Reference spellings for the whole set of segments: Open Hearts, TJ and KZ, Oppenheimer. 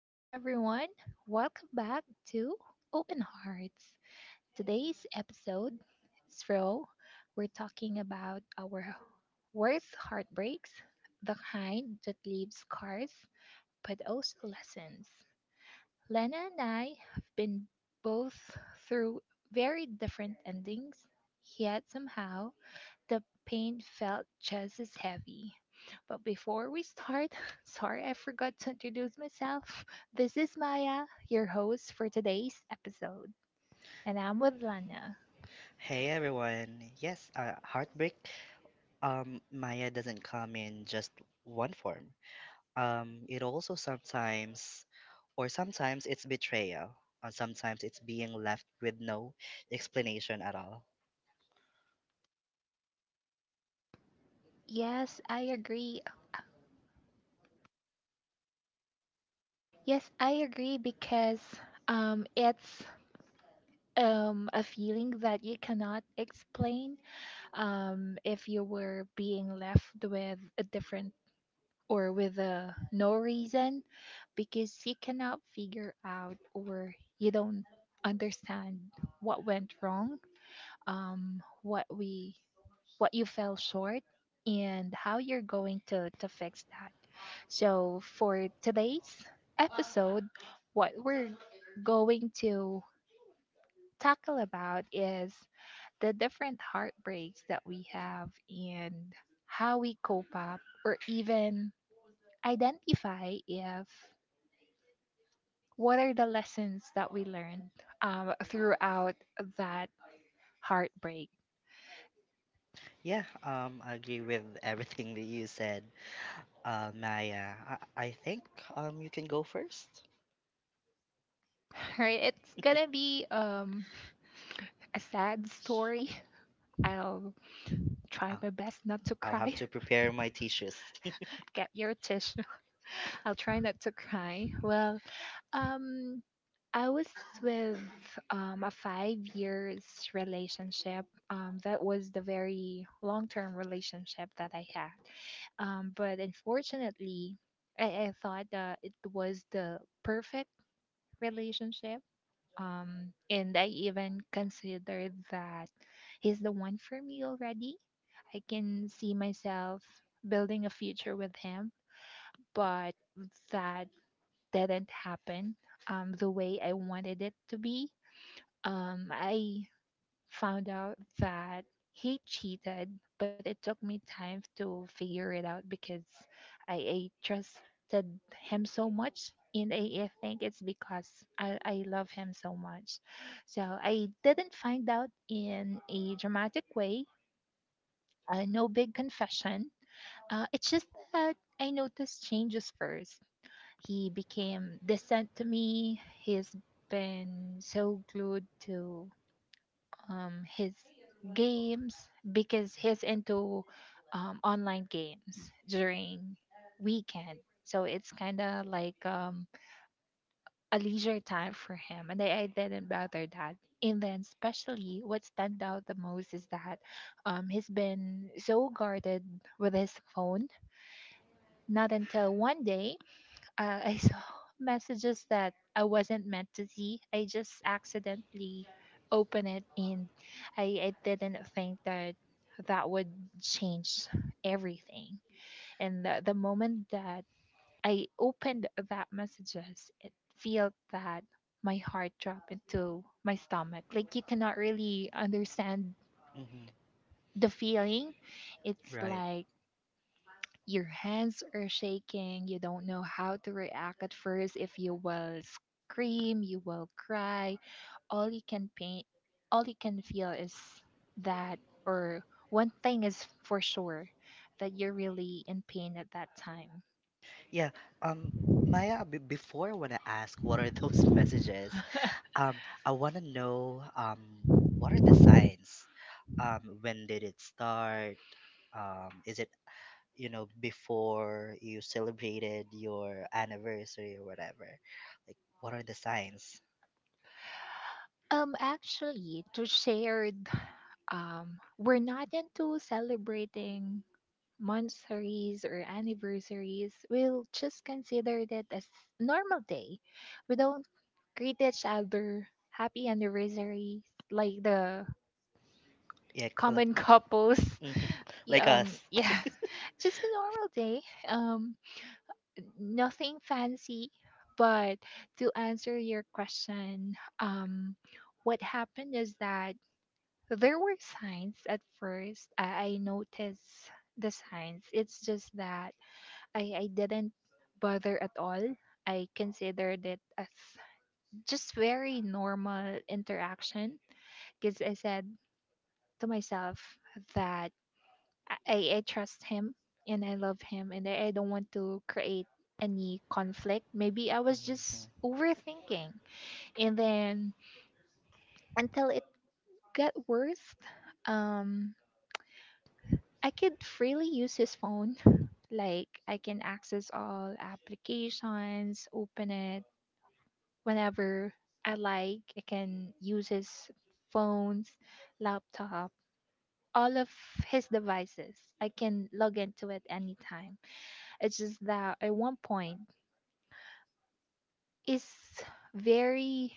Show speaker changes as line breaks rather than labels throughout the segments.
Hey everyone, welcome back to Open Hearts. Today's episode is Fro. We're talking about our worst heartbreaks, the kind that leaves scars but also lessons. Lena and I have been both through very different endings, yet somehow the pain felt just as heavy. But before we start, sorry I forgot to introduce myself. This is Maya, your host for today's episode, and I'm with Lana.
Hey everyone. Yes, heartbreak. Maya doesn't come in just one form. It also sometimes, or sometimes it's betrayal, or sometimes it's being left with no explanation at all.
Yes, I agree. Yes, I agree because it's a feeling that you cannot explain. If you were being left with a different or with a no reason, because you cannot figure out or you don't understand what went wrong, um what we what you fell short and how you're going to fix that. So for today's episode, what we're going to tackle about is the different heartbreaks that we have and how we cope up or even identify if what are the lessons that we learned, throughout that heartbreak.
Yeah, I agree with everything that you said, Maya. I think, you can go first.
Right, it's gonna be a sad story. I'll try
Uh,
my best not to
I'll
cry.
have to prepare my tissues.
Get your tissue. I'll try not to cry. Well, um I was with a 5 years relationship. That was the very long term relationship that I had. But unfortunately, I, I thought that it was the perfect relationship. And I even considered that he's the one for me already. I can see myself building a future with him, but that didn't happen the way I wanted it to be. I found out that he cheated, but it took me time to figure it out because I trusted him so much. And I think it's because I love him so much. So I didn't find out in a dramatic way, no big confession. It's just that I noticed changes first. He became distant to me, he's been so glued to his games, because he's into online games during weekend. So it's kind of like a leisure time for him, and I didn't bother that. And then, especially, what stand out the most is that, he's been so guarded with his phone. Not until one day I saw messages that I wasn't meant to see. I just accidentally opened it, and I didn't think that that would change everything. And the moment that I opened that messages, it felt that my heart dropped into my stomach. Like you cannot really understand
Hmm.
the feeling. It's
Right.
like your hands are shaking. You don't know how to react at first. If you will scream, you will cry. All you can paint, all you can feel is that, or one thing is for sure that you're really in pain at that time.
Yeah. Um, Maya, before I want to ask, what are those messages? I want to know, what are the signs? When did it start? Is it, before you celebrated your anniversary or whatever? Like, what are the signs?
Actually, to share, we're not into celebrating monthsaries or anniversaries. We'll just consider that as normal day. We don't greet each other, happy anniversary, like the
Yeah, like,
common couples.
mhm, like us.
Yeah, just a normal day. Um, nothing fancy, but to answer your question, um, what happened is that there were signs at first. I noticed the signs. It's just that I didn't bother at all. I considered it as just very normal interaction because I said to myself that I, I I trust him and I love him and I don't want to create any conflict. Maybe I was just
Mhm.
overthinking. And then until it got worse, um, I could freely use his phone. Like I can access all applications, open it whenever I like. I can use his phones, laptop, all of his devices. I can log into it anytime. It's just that at one point is very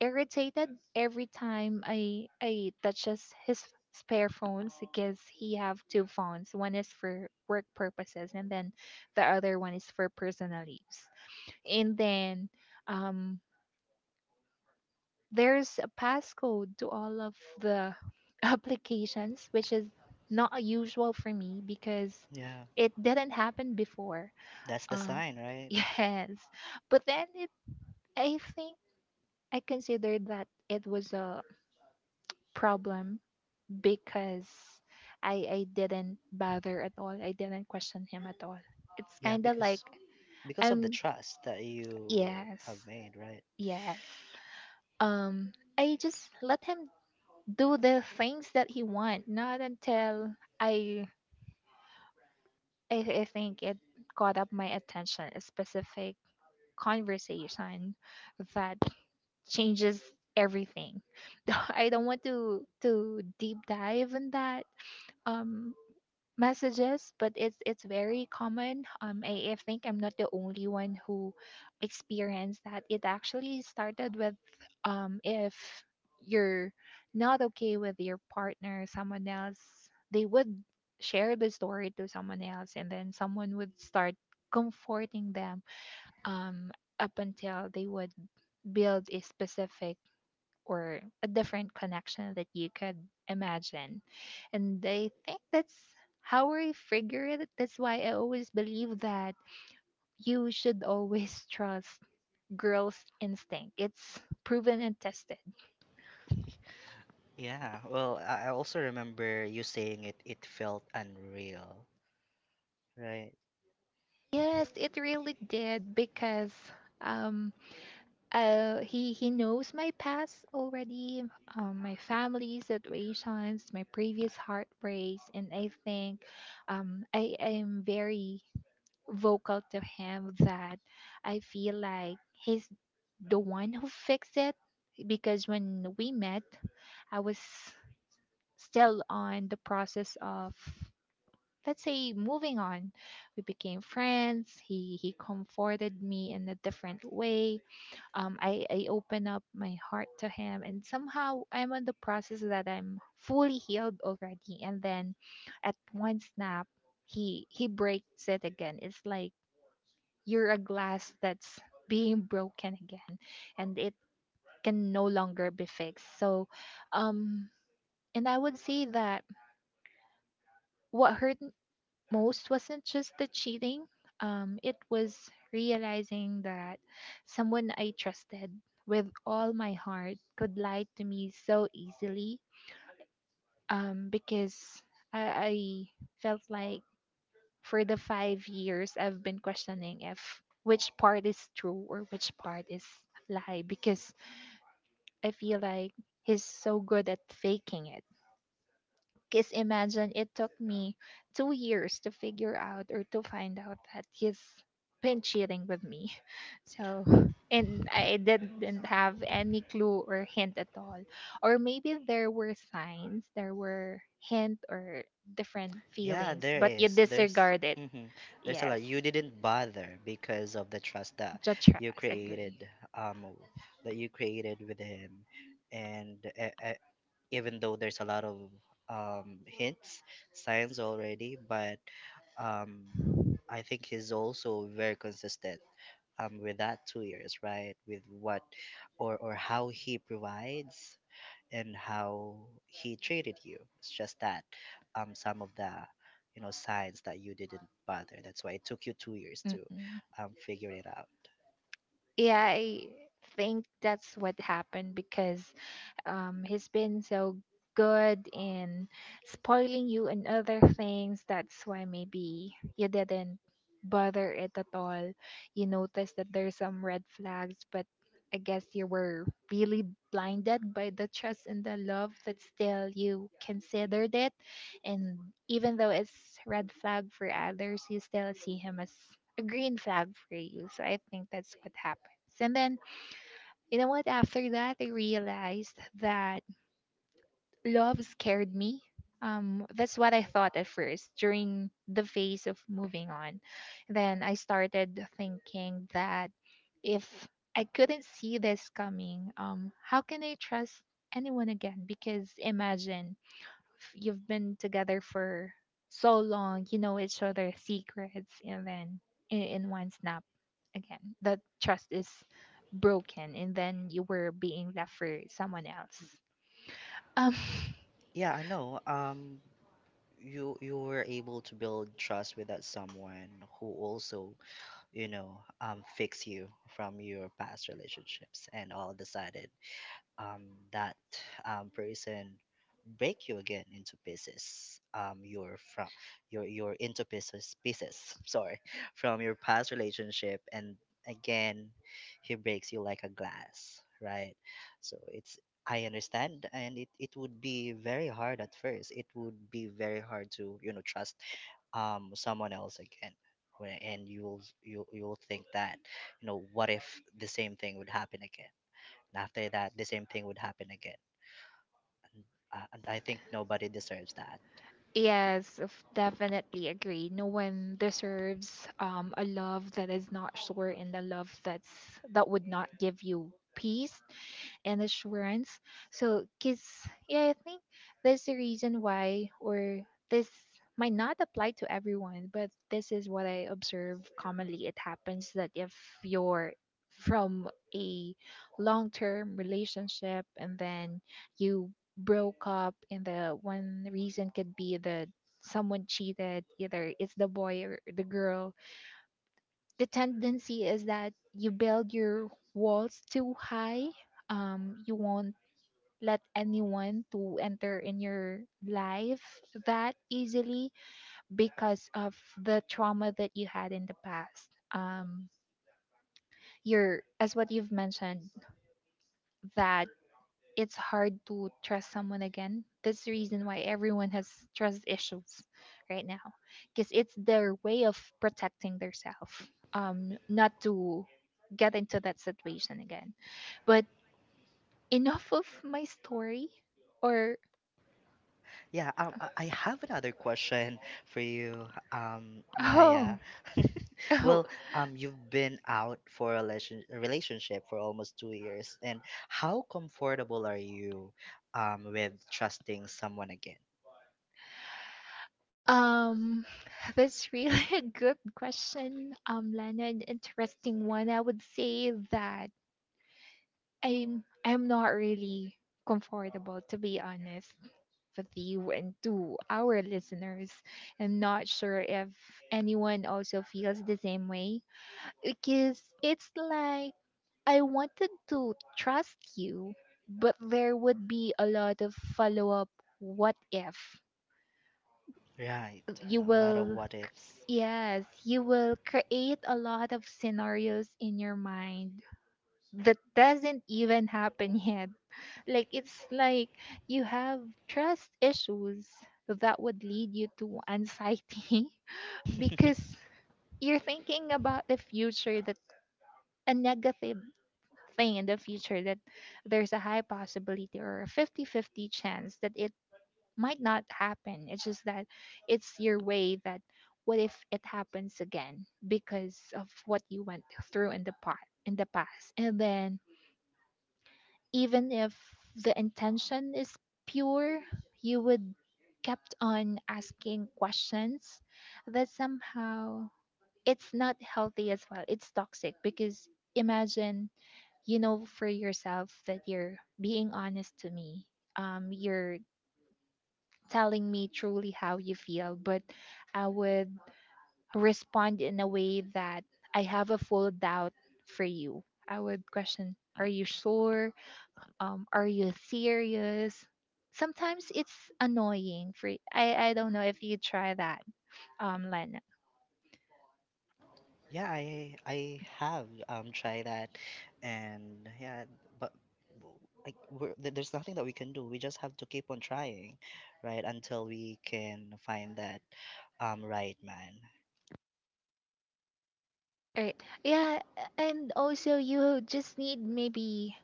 irritated every time I touches his spare phones because he have two phones. One is for work purposes and then the other one is for personal use. And then um there's a passcode to all of the applications, which is not usual for me because
Yeah,
it didn't happen before.
that's the
Um,
sign, right?
yes, but then it, I think I considered that it was a problem because I didn't bother at all. I didn't question him at all. It's
Yeah,
kind of like
because of the
I'm
trust that you have
yes,
made, right?
yes. Um, I just let him do the things that he want, not until I I, I think it caught up my attention, a specific conversation that changes everything. I don't want to deep dive in that. Um messages, but it's very common. I think I'm not the only one who experienced that. It actually started with, if you're not okay with your partner, someone else, they would share the story to someone else, and then someone would start comforting them, um up until they would build a specific or a different connection that you could imagine. And I think that's how I figure it. That's why I always believe that you should always trust girls' instinct. It's proven and tested.
Yeah, well, I also remember you saying it felt unreal, right?
Yes, it really did because, um he knows my past already, my family situations, my previous heartbreaks, and I think, I am very vocal to him that I feel like he's the one who fixed it, because when we met, I was still on the process of, let's say, moving on. We became friends, he comforted me in a different way. I open up my heart to him and somehow I'm on the process that I'm fully healed already, and then at one snap, he breaks it again. It's like you're a glass that's being broken again and it can no longer be fixed. So, um, and I would say that what hurt most wasn't just the cheating, it was realizing that someone I trusted with all my heart could lie to me so easily, because I felt like for the 5 years I've been questioning if which part is true or which part is lie, because I feel like he's so good at faking it. Because imagine it took me 2 years to figure out or to find out that he's been cheating with me. So, and I didn't have any clue or hint at all. Or maybe there were signs, there were hint or different
Yeah,
feelings,
there
but you
is.
disregard it.
Hmm there's a
Yes,
lot. You didn't bother because of the trust that
judge her
you
as
created,
agree.
that you created with him. And even though there's a lot of hints, signs already, but um I think he's also very consistent with that 2 years, right? With what or how he provides and how he treated you. It's just that, some of the signs that you didn't bother. That's why it took you 2 years to,
Mm-mm.
figure it out.
Yeah, I think that's what happened because, he's been so good in spoiling you and other things. That's why maybe you didn't bother it at all. You noticed that there's some red flags, but I guess you were really blinded by the trust and the love that still you considered it. And even though it's red flag for others, you still see him as a green flag for you. So I think that's what happens. And then you know what? After that, I realized that love scared me. That's what I thought at first during the phase of moving on. Then I started thinking that if I couldn't see this coming, how can I trust anyone again? Because imagine if you've been together for so long, you know each other's secrets, and then in one snap, again, that trust is broken, and then you were being left for someone else. Um,
Yeah, I know. You were able to build trust with that someone who also fix you from your past relationships, and all decided, um, that, person break you again into pieces, you're from your into pieces. Sorry, from your past relationship, and again he breaks you like a glass, right? So it's, I understand, and it would be very hard at first. It would be very hard to, trust someone else again, and you'll think that, what if the same thing would happen again? After that, the same thing would happen again. And, uh, and I think nobody deserves that.
Yes, definitely agree. No one deserves, a love that is not sure and a love that's that would not give you peace and assurance. So, kids, yeah, I think that's the reason why, or this might not apply to everyone, but this is what I observe commonly. It happens that if you're from a long term relationship and then you broke up, and the one reason could be that someone cheated, either it's the boy or the girl. The tendency is that you build your walls too high, you won't let anyone to enter in your life that easily because of the trauma that you had in the past. You're, as what you've mentioned, that it's hard to trust someone again. That's the reason why everyone has trust issues right now, because it's their way of protecting themselves, not to get into that situation again. But enough of my story, or
Yeah, I have another question for you,
oh,
Maya.
oh.
Well, you've been out for a relationship for almost 2 years, and how comfortable are you with trusting someone again?
Um, that's really a good question, Leonard. Interesting one. I would say that I'm not really comfortable, to be honest with you and to our listeners. I'm not sure if anyone also feels the same way, because it's like I wanted to trust you, but there would be a lot of follow up. What if
Right,
you
a lot of
will,
what ifs.
yes, you will create a lot of scenarios in your mind that doesn't even happen yet. Like it's like you have trust issues that would lead you to anxiety because you're thinking about the future, that a negative thing in the future, that there's a high possibility or a 50-50 chance that it might not happen. It's just that it's your way that what if it happens again because of what you went through in the part in the past. And then even if the intention is pure, you would kept on asking questions that somehow it's not healthy as well, it's toxic. Because imagine for yourself that you're being honest to me, you're telling me truly how you feel, but I would respond in a way that I have a full doubt for you. I would question, are you sure? Are you serious? Sometimes it's annoying. For I don't know if you try that, Lena.
Yeah, I have tried that, and yeah, but w- like we're, there's nothing that we can do. We just have to keep on trying, right, until we can find that right man.
Right. Yeah, and also you just need maybe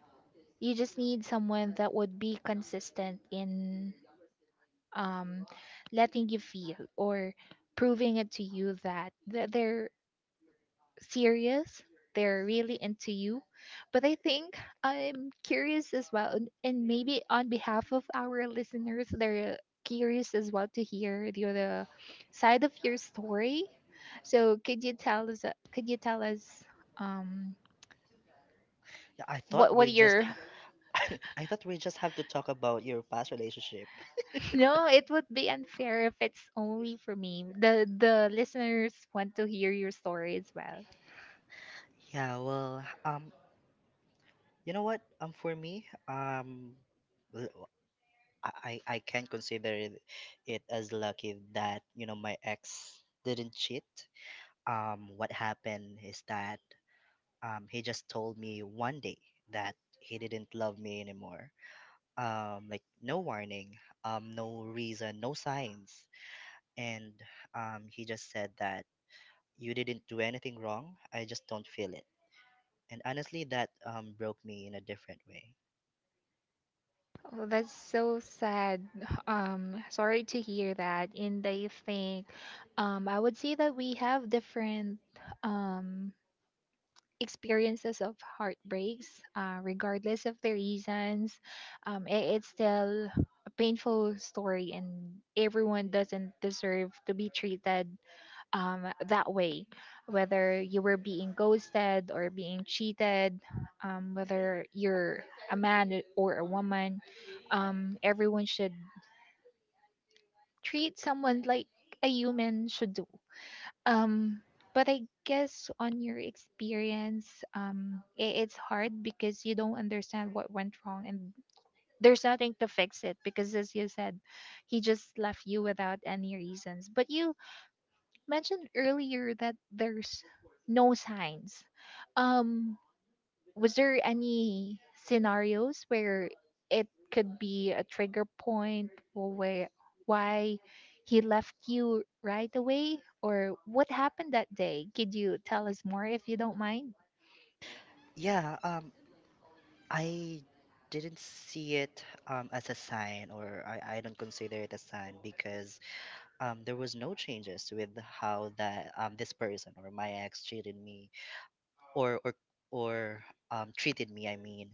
you just need someone that would be consistent in um letting you feel or proving it to you that they're serious, they're really into you. But I think I'm curious as well, and maybe on behalf of our listeners, they're curious as well to hear the other side of your story. So could you tell us, could you tell us um
Yeah, I
what
thought we just
your—
ha- I thought we just have to talk about your past relationship.
No, it would be unfair if it's only for me. The listeners want to hear your story as well.
Yeah, well, you know what? For me, l- I I can consider it as lucky that, my ex didn't cheat. What happened is that, he just told me one day that he didn't love me anymore. Like no warning, no reason, no signs, and, he just said that you didn't do anything wrong. I just don't feel it. And honestly, that, broke me in a different way.
Oh, that's so sad. Sorry to hear that. And I think I would say that we have different um, experiences of heartbreaks, regardless of the reasons. It's still a painful story, and everyone doesn't deserve to be treated that way, whether you were being ghosted or being cheated, whether you're a man or a woman, everyone should treat someone like a human should do. Um, but I guess on your experience, I it's hard because you don't understand what went wrong, and there's nothing to fix it because, as you said, he just left you without any reasons. But you mentioned earlier that there's no signs. Um, was there any scenarios where it could be a trigger point, or where why he left you right away, or what happened that day? Could you tell us more if you don't mind?
Yeah, I didn't see it, as a sign, or I don't consider it a sign because, there was no changes with how that, this person or my ex treated me, or or or treated me. I mean,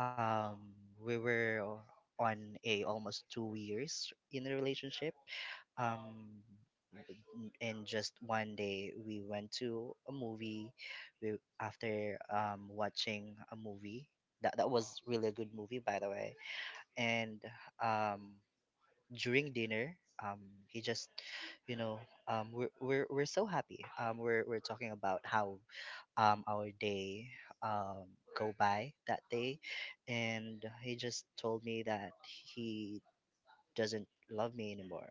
um, we were on a almost 2 years in a relationship. Um, and just one day we went to a movie. We After watching a movie, that was really a good movie by the way, and, um, during dinner, um he just, you know we're so happy, we're talking about how, our day, um go by that day, and he just told me that he doesn't love me anymore.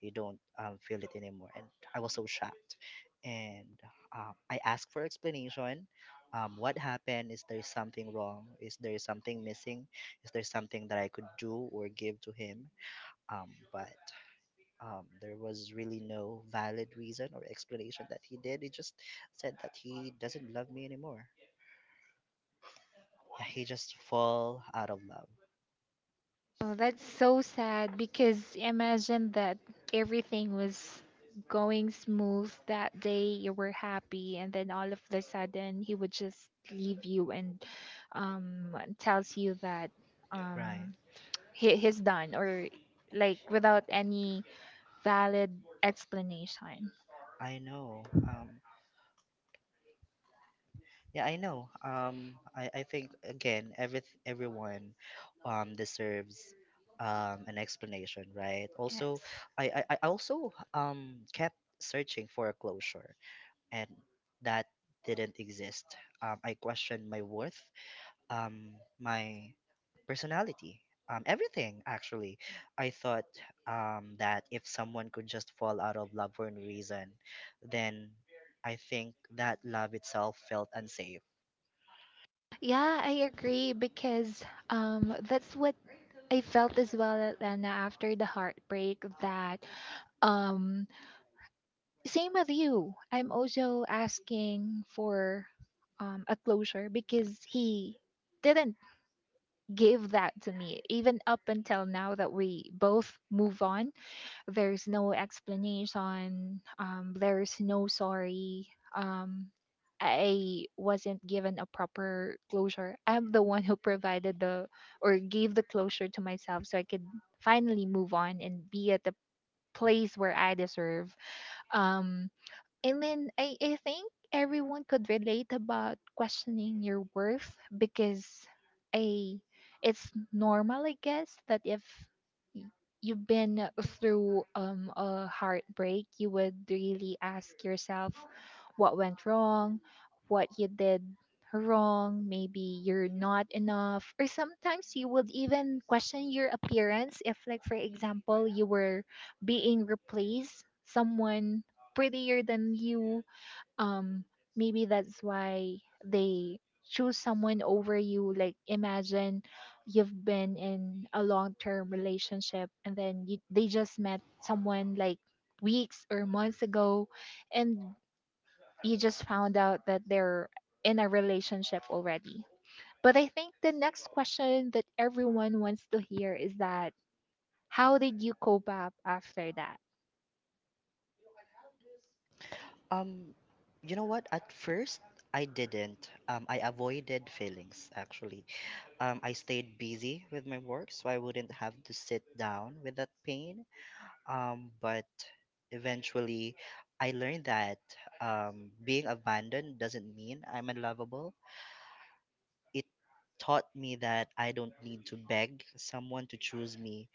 He don't, feel it anymore, and I was so shocked, and, I asked for explanation, what happened, is there something wrong, is there something missing, is there something that I could do or give to him? But there was really no valid reason or explanation that he did. He just said that he doesn't love me anymore. Yeah, he just fall out of love.
Oh, that's so sad, because imagine that everything was going smooth that day, you were happy, and then all of the sudden he would just leave you and tells you that
Right.
um he, he's done, or like without any valid explanation.
I know. Yeah, I know. I think again, everyone, deserves an explanation, right?
Yes.
Also, I also kept searching for a closure, and that didn't exist. I questioned my worth, um, my personality, everything actually. I thought, that if someone could just fall out of love for no reason, then I think that love itself felt unsafe.
Yeah, I agree, because that's what I felt as well, Lena, after the heartbreak. That um same with you. I'm also asking for a closure because he didn't give that to me. Even up until now that we both move on, there's no explanation. There's no sorry. Um, I wasn't given a proper closure. I'm the one who provided the or gave the closure to myself so I could finally move on and be at the place where I deserve. Um, and then I think everyone could relate about questioning your worth. Because I, it's normal, I guess, that if y- you've been through a heartbreak, you would really ask yourself what went wrong, what you did wrong. Maybe you're not enough, or sometimes you would even question your appearance if, like, for example, you were being replaced, someone prettier than you. Um, Maybe that's why they choose someone over you. Like, imagine you've been in a long term relationship, and then you, they just met someone like weeks or months ago, and you just found out that they're in a relationship already. But I think the next question that everyone wants to hear is that how did you cope up after that?
Um, you know what? At first, I didn't. I avoided feelings actually. I stayed busy with my work, so I wouldn't have to sit down with that pain. But eventually, I learned that, being abandoned doesn't mean I'm unlovable. It taught me that I don't need to beg someone to choose me.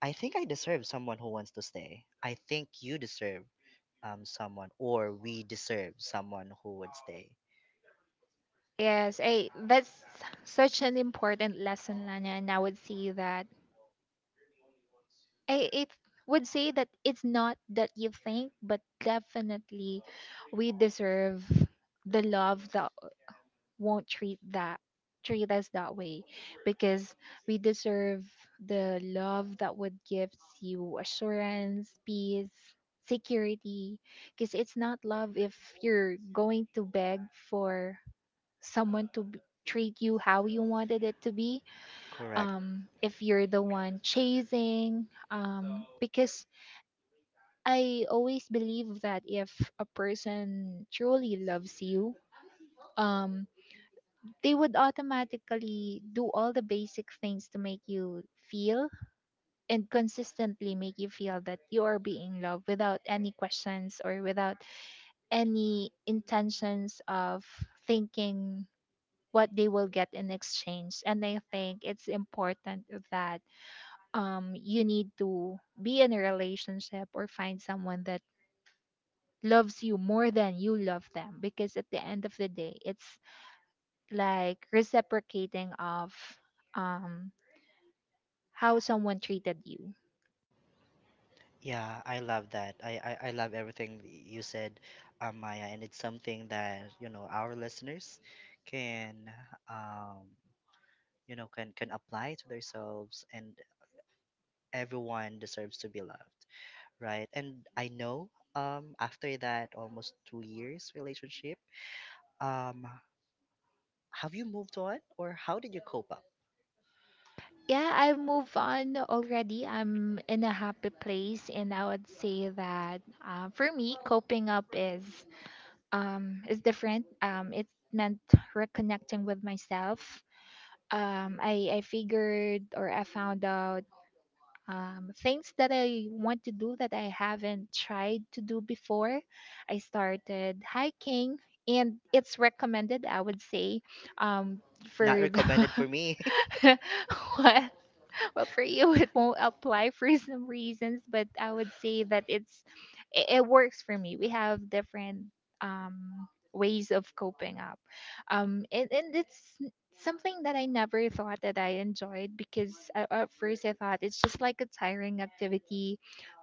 I think I deserve someone who wants to stay. I think you deserve someone, or we deserve someone who would stay.
Yes, I, that's such an important lesson, Lana, and I would say that I it would say that it's not that you think, but definitely we deserve the love that won't treat that treat us that way. Because we deserve the love that would give you assurance, peace, security. Because it's not love if you're going to beg for someone to treat you how you wanted it to be.
Correct.
If you're the one chasing, because I always believe that if a person truly loves you, um, they would automatically do all the basic things to make you feel and consistently make you feel that you are being loved, without any questions or without any intentions of thinking what they will get in exchange. And I think it's important that you need to be in a relationship or find someone that loves you more than you love them, because at the end of the day it's like reciprocating of um how someone treated you.
Yeah, I love that. I love everything you said, Maya, and it's something that, you know, our listeners can, um, can apply to themselves, and everyone deserves to be loved. Right. And I know after that almost 2 years relationship, um have you moved on or how did you cope up?
Yeah, I've moved on already. I'm in a happy place, and I would say that for me, coping up is different. It meant reconnecting with myself. I figured, or I found out things that I want to do that I haven't tried to do before. I started hiking, and it's recommended, I would say, um,
Not
for the—
recommended for me.
What? Well, for you, it won't apply for some reasons, but I would say that it works for me. We have different ways of coping up, and it's something that I never thought that I enjoyed, because at first I thought it's just like a tiring activity,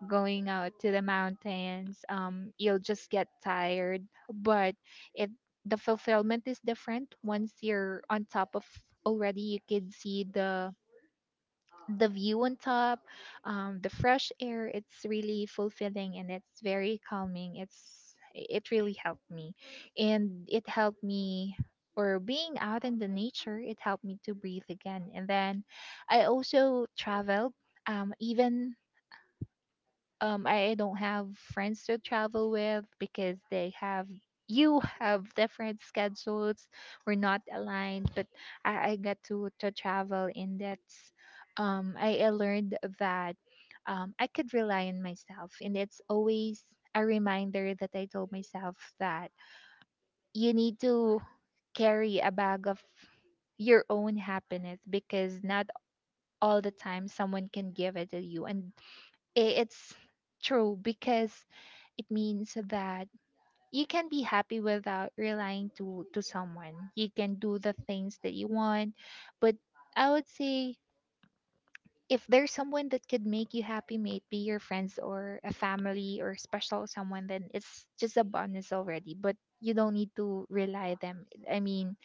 going out to the mountains. You'll just get tired, but it, the fulfillment is different once you're on top of already, you can see the view on top, the fresh air. It's really fulfilling and it's very calming. It's, it really helped me, and it helped me. Or being out in the nature, it helped me to breathe again. And then I also traveled. Even I don't have friends to travel with, because they have you have different schedules, we're not aligned, but I get to travel, and that's I learned that I could rely on myself, and it's always a reminder that I told myself that you need to carry a bag of your own happiness, because not all the time someone can give it to you. And it's true, because it means that you can be happy without relying to someone, you can do the things that you want. But I would say if there's someone that could make you happy, maybe your friends or a family or special someone, then it's just a bonus already, but you don't need to rely them. I mean,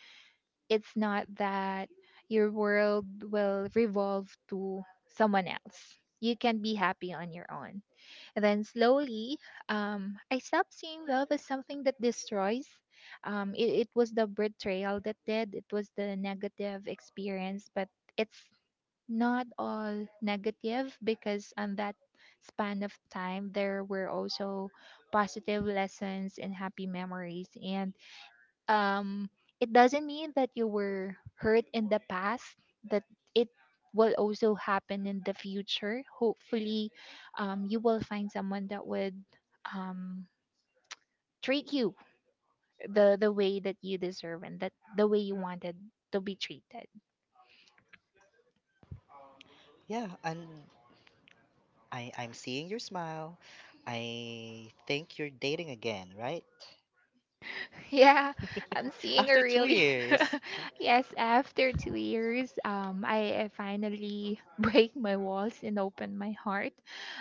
it's not that your world will revolve to someone else, you can be happy on your own. Then slowly, I stopped seeing love as something that destroys. It was the betrayal that did, it was the negative experience, but it's not all negative, because on that span of time there were also positive lessons and happy memories. And um it doesn't mean that you were hurt in the past that it will also happen in the future. Hopefully you will find someone that would um treat you the way that you deserve, and that the way you wanted to be treated.
Yeah, and I'm seeing your smile. I think you're dating again, right?
Yeah, I'm seeing a
After two
really
years. and-
yes. After 2 years, I finally break my walls and open my heart.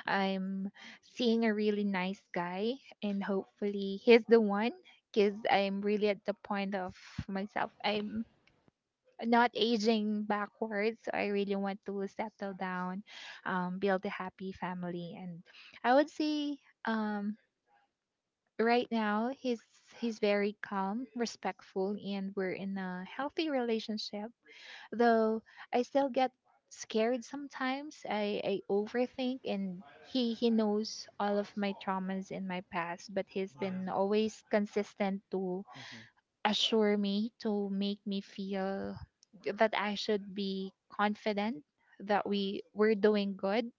I'm seeing a really nice guy, and hopefully he's the one. Cause I'm really at the point of myself. I'm not aging backwards, so I really want to settle down, build a happy family, and I would say. Um, right now he's very calm, respectful, and we're in a healthy relationship, though I still get scared sometimes. I overthink, and he knows all of my traumas in my past, but he's been always
Yeah.
consistent to
Mm-hmm.
assure me, to make me feel that I should be confident that we're doing good.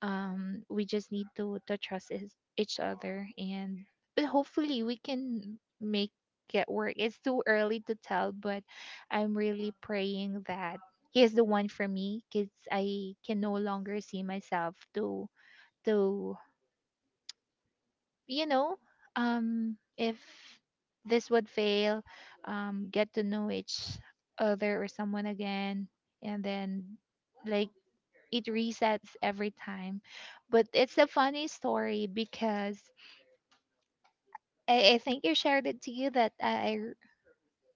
We just need to trust is, each other, and but hopefully we can make it work. It's too early to tell, but I'm really praying that he is the one for me, because I can no longer see myself to to you know, if this would fail, get to know each other or someone again, and then like it resets every time. But it's a funny story because I think you shared it to you that I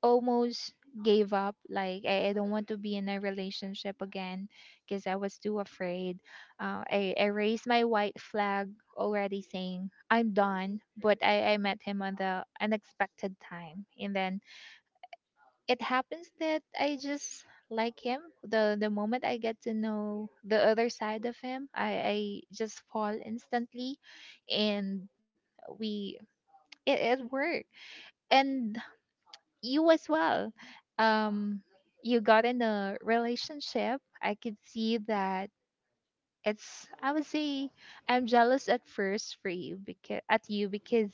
almost gave up. Like I don't want to be in a relationship again because I was too afraid. I raised my white flag already, saying I'm done. But I met him on the unexpected time, and then it happens that I just like him. The moment I get to know the other side of him, I just fall instantly, and we, it worked. And you as well. Um, you got in a relationship. I could see that it's, I would say I'm jealous at first for you, because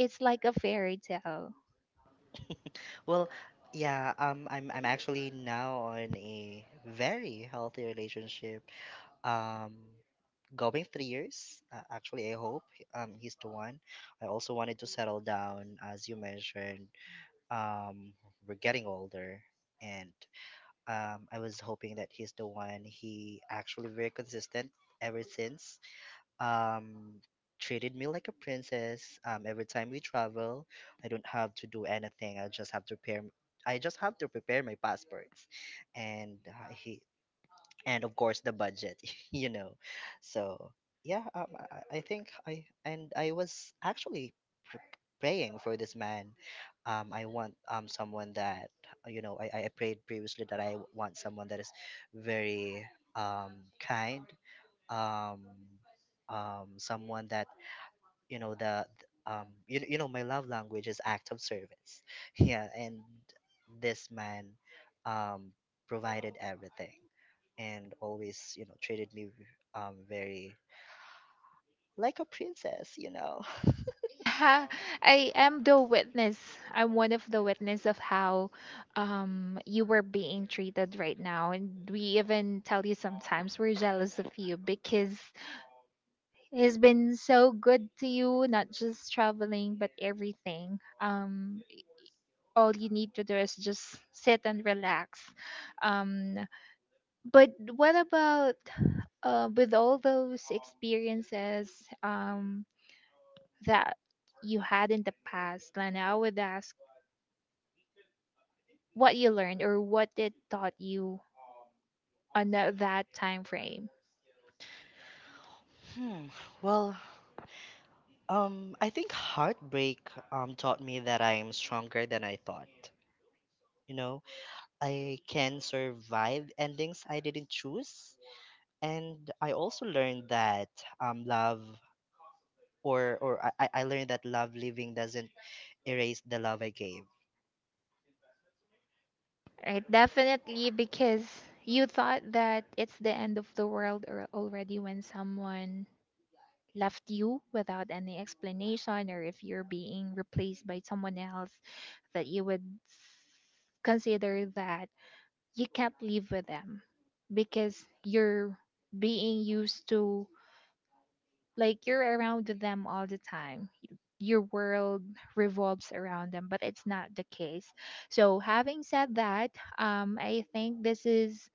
it's like a fairy tale.
Well, yeah, I'm actually now in a very healthy relationship. Um going 3 years. Actually, I hope he's the one. I also wanted to settle down as you mentioned. Um we're getting older, and I was hoping that he's the one. He actually very consistent ever since, um treated me like a princess every time we travel. I don't have to do anything. I just have to prepare my passports, and uh, he and of course the budget. you know so yeah, I think, I was actually pr- praying for this man. I want someone that, you know, I prayed previously that I want someone that is very um kind, um someone that, you know, you know my love language is act of service. Yeah, and this man um provided everything, and always, you know, treated me very, like a princess, you know.
Ha, I am the witness. I'm one of the witness of how you were being treated right now, and we even tell you sometimes we're jealous of you because it's been so good to you, not just traveling, but everything. All you need to do is just sit and relax. Um, but what about with all those experiences, um, that you had in the past, Lana? I would ask what you learned or what it taught you on that time frame.
hmm well, I think heartbreak taught me that I am stronger than I thought. You know, I can survive endings I didn't choose, and I also learned that love, or I learned that love living doesn't erase the love I gave.
Right, definitely, because you thought that it's the end of the world or already when someone left you without any explanation, or if you're being replaced by someone else, that you would consider that you can't live with them because you're being used to, like, you're around them all the time, your world revolves around them, but it's not the case. So having said that, I think this is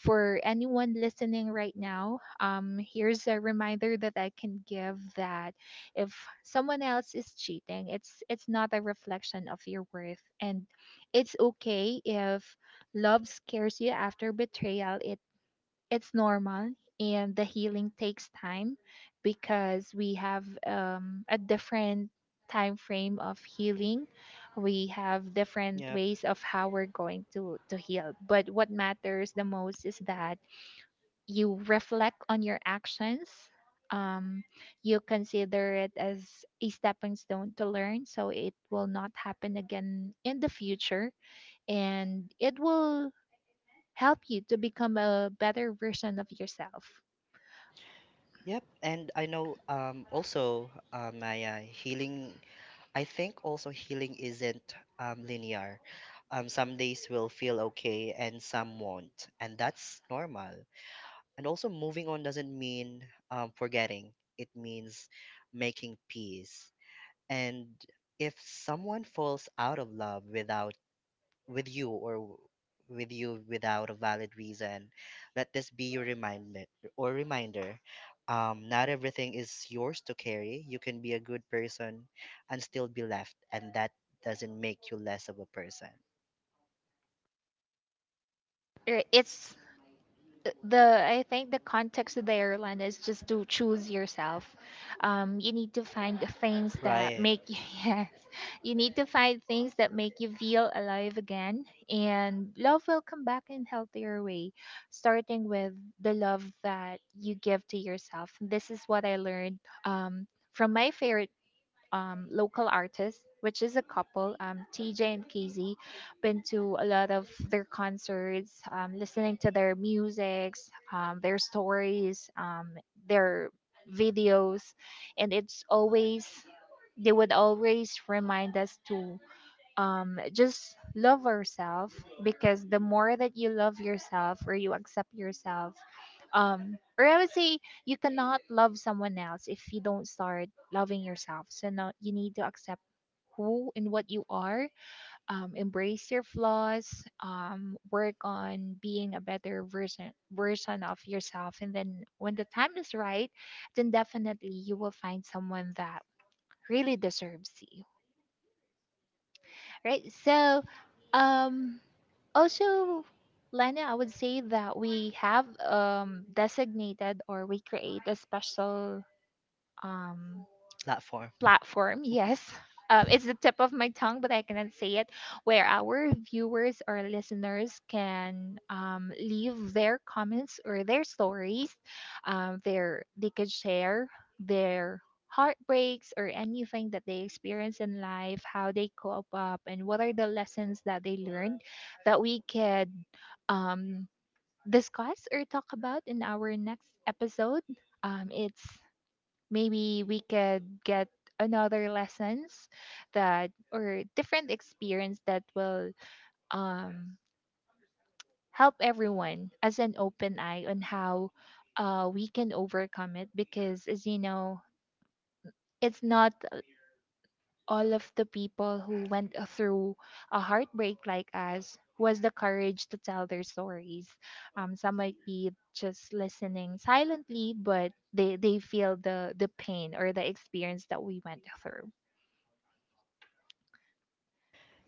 for anyone listening right now, here's a reminder that I can give, that if someone else is cheating, it's not a reflection of your worth, and it's okay if love scares you after betrayal. It's normal, and the healing takes time because we have a different time frame of healing. We have different
Yep.
ways of how we're going to heal, but what matters the most is that you reflect on your actions. um, you consider it as a stepping stone to learn so it will not happen again in the future, and it will help you to become a better version of yourself.
Yep. And I know, also, Maya, healing, I think also healing isn't, linear. Some days will feel okay and some won't, and that's normal. And also, moving on doesn't mean, forgetting, it means making peace. And if someone falls out of love without with you or w- with you without a valid reason, let this be your reminder. Not everything is yours to carry. You can be a good person and still be left, and that doesn't make you less of a person,
It's, the I think the context of the airline is just to choose yourself. You need to find the things that
right?
make you yes, you need to find things that make you feel alive again, and love will come back in healthier way, starting with the love that you give to yourself. This is what I learned um, from my favorite local artists, which is a couple, TJ and KZ. Been to a lot of their concerts, listening to their musics, their stories, their videos, and it's always, they would always remind us to just love ourselves, because the more that you love yourself or you accept yourself, or I would say, you cannot love someone else if you don't start loving yourself, so now you need to accept who and what you are. Embrace your flaws. Work on being a better version of yourself, and then when the time is right, then definitely you will find someone that really deserves you, right? So um also, Lena, I would say that we have designated, or we create a special, um,
Platform.
platform, yes. It's the tip of my tongue, but I cannot say it, where our viewers or listeners can leave their comments or their stories. Their they could share their heartbreaks or anything that they experience in life, how they cope up, and what are the lessons that they learned that we could um, discuss or talk about in our next episode. It's, maybe we could get another lessons that, or different experience that will um help everyone as an open eye on how we can overcome it, because as you know, it's not all of the people who went through a heartbreak like us who has the courage to tell their stories. Some might be just listening silently, but they feel the pain or the experience that we went through.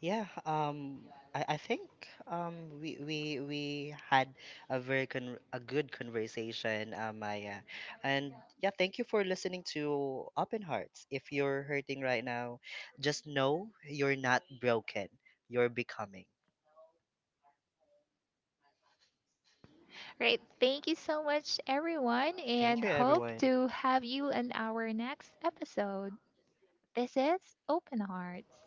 Yeah, I think, we had a very con a good conversation, Maya. And yeah, thank you for listening to Open Hearts. If you're hurting right now, just know you're not broken. You're becoming.
Great. Thank you so much, everyone,
Thank
and
you,
hope
everyone.
to have you in our next episode. This is Open Hearts.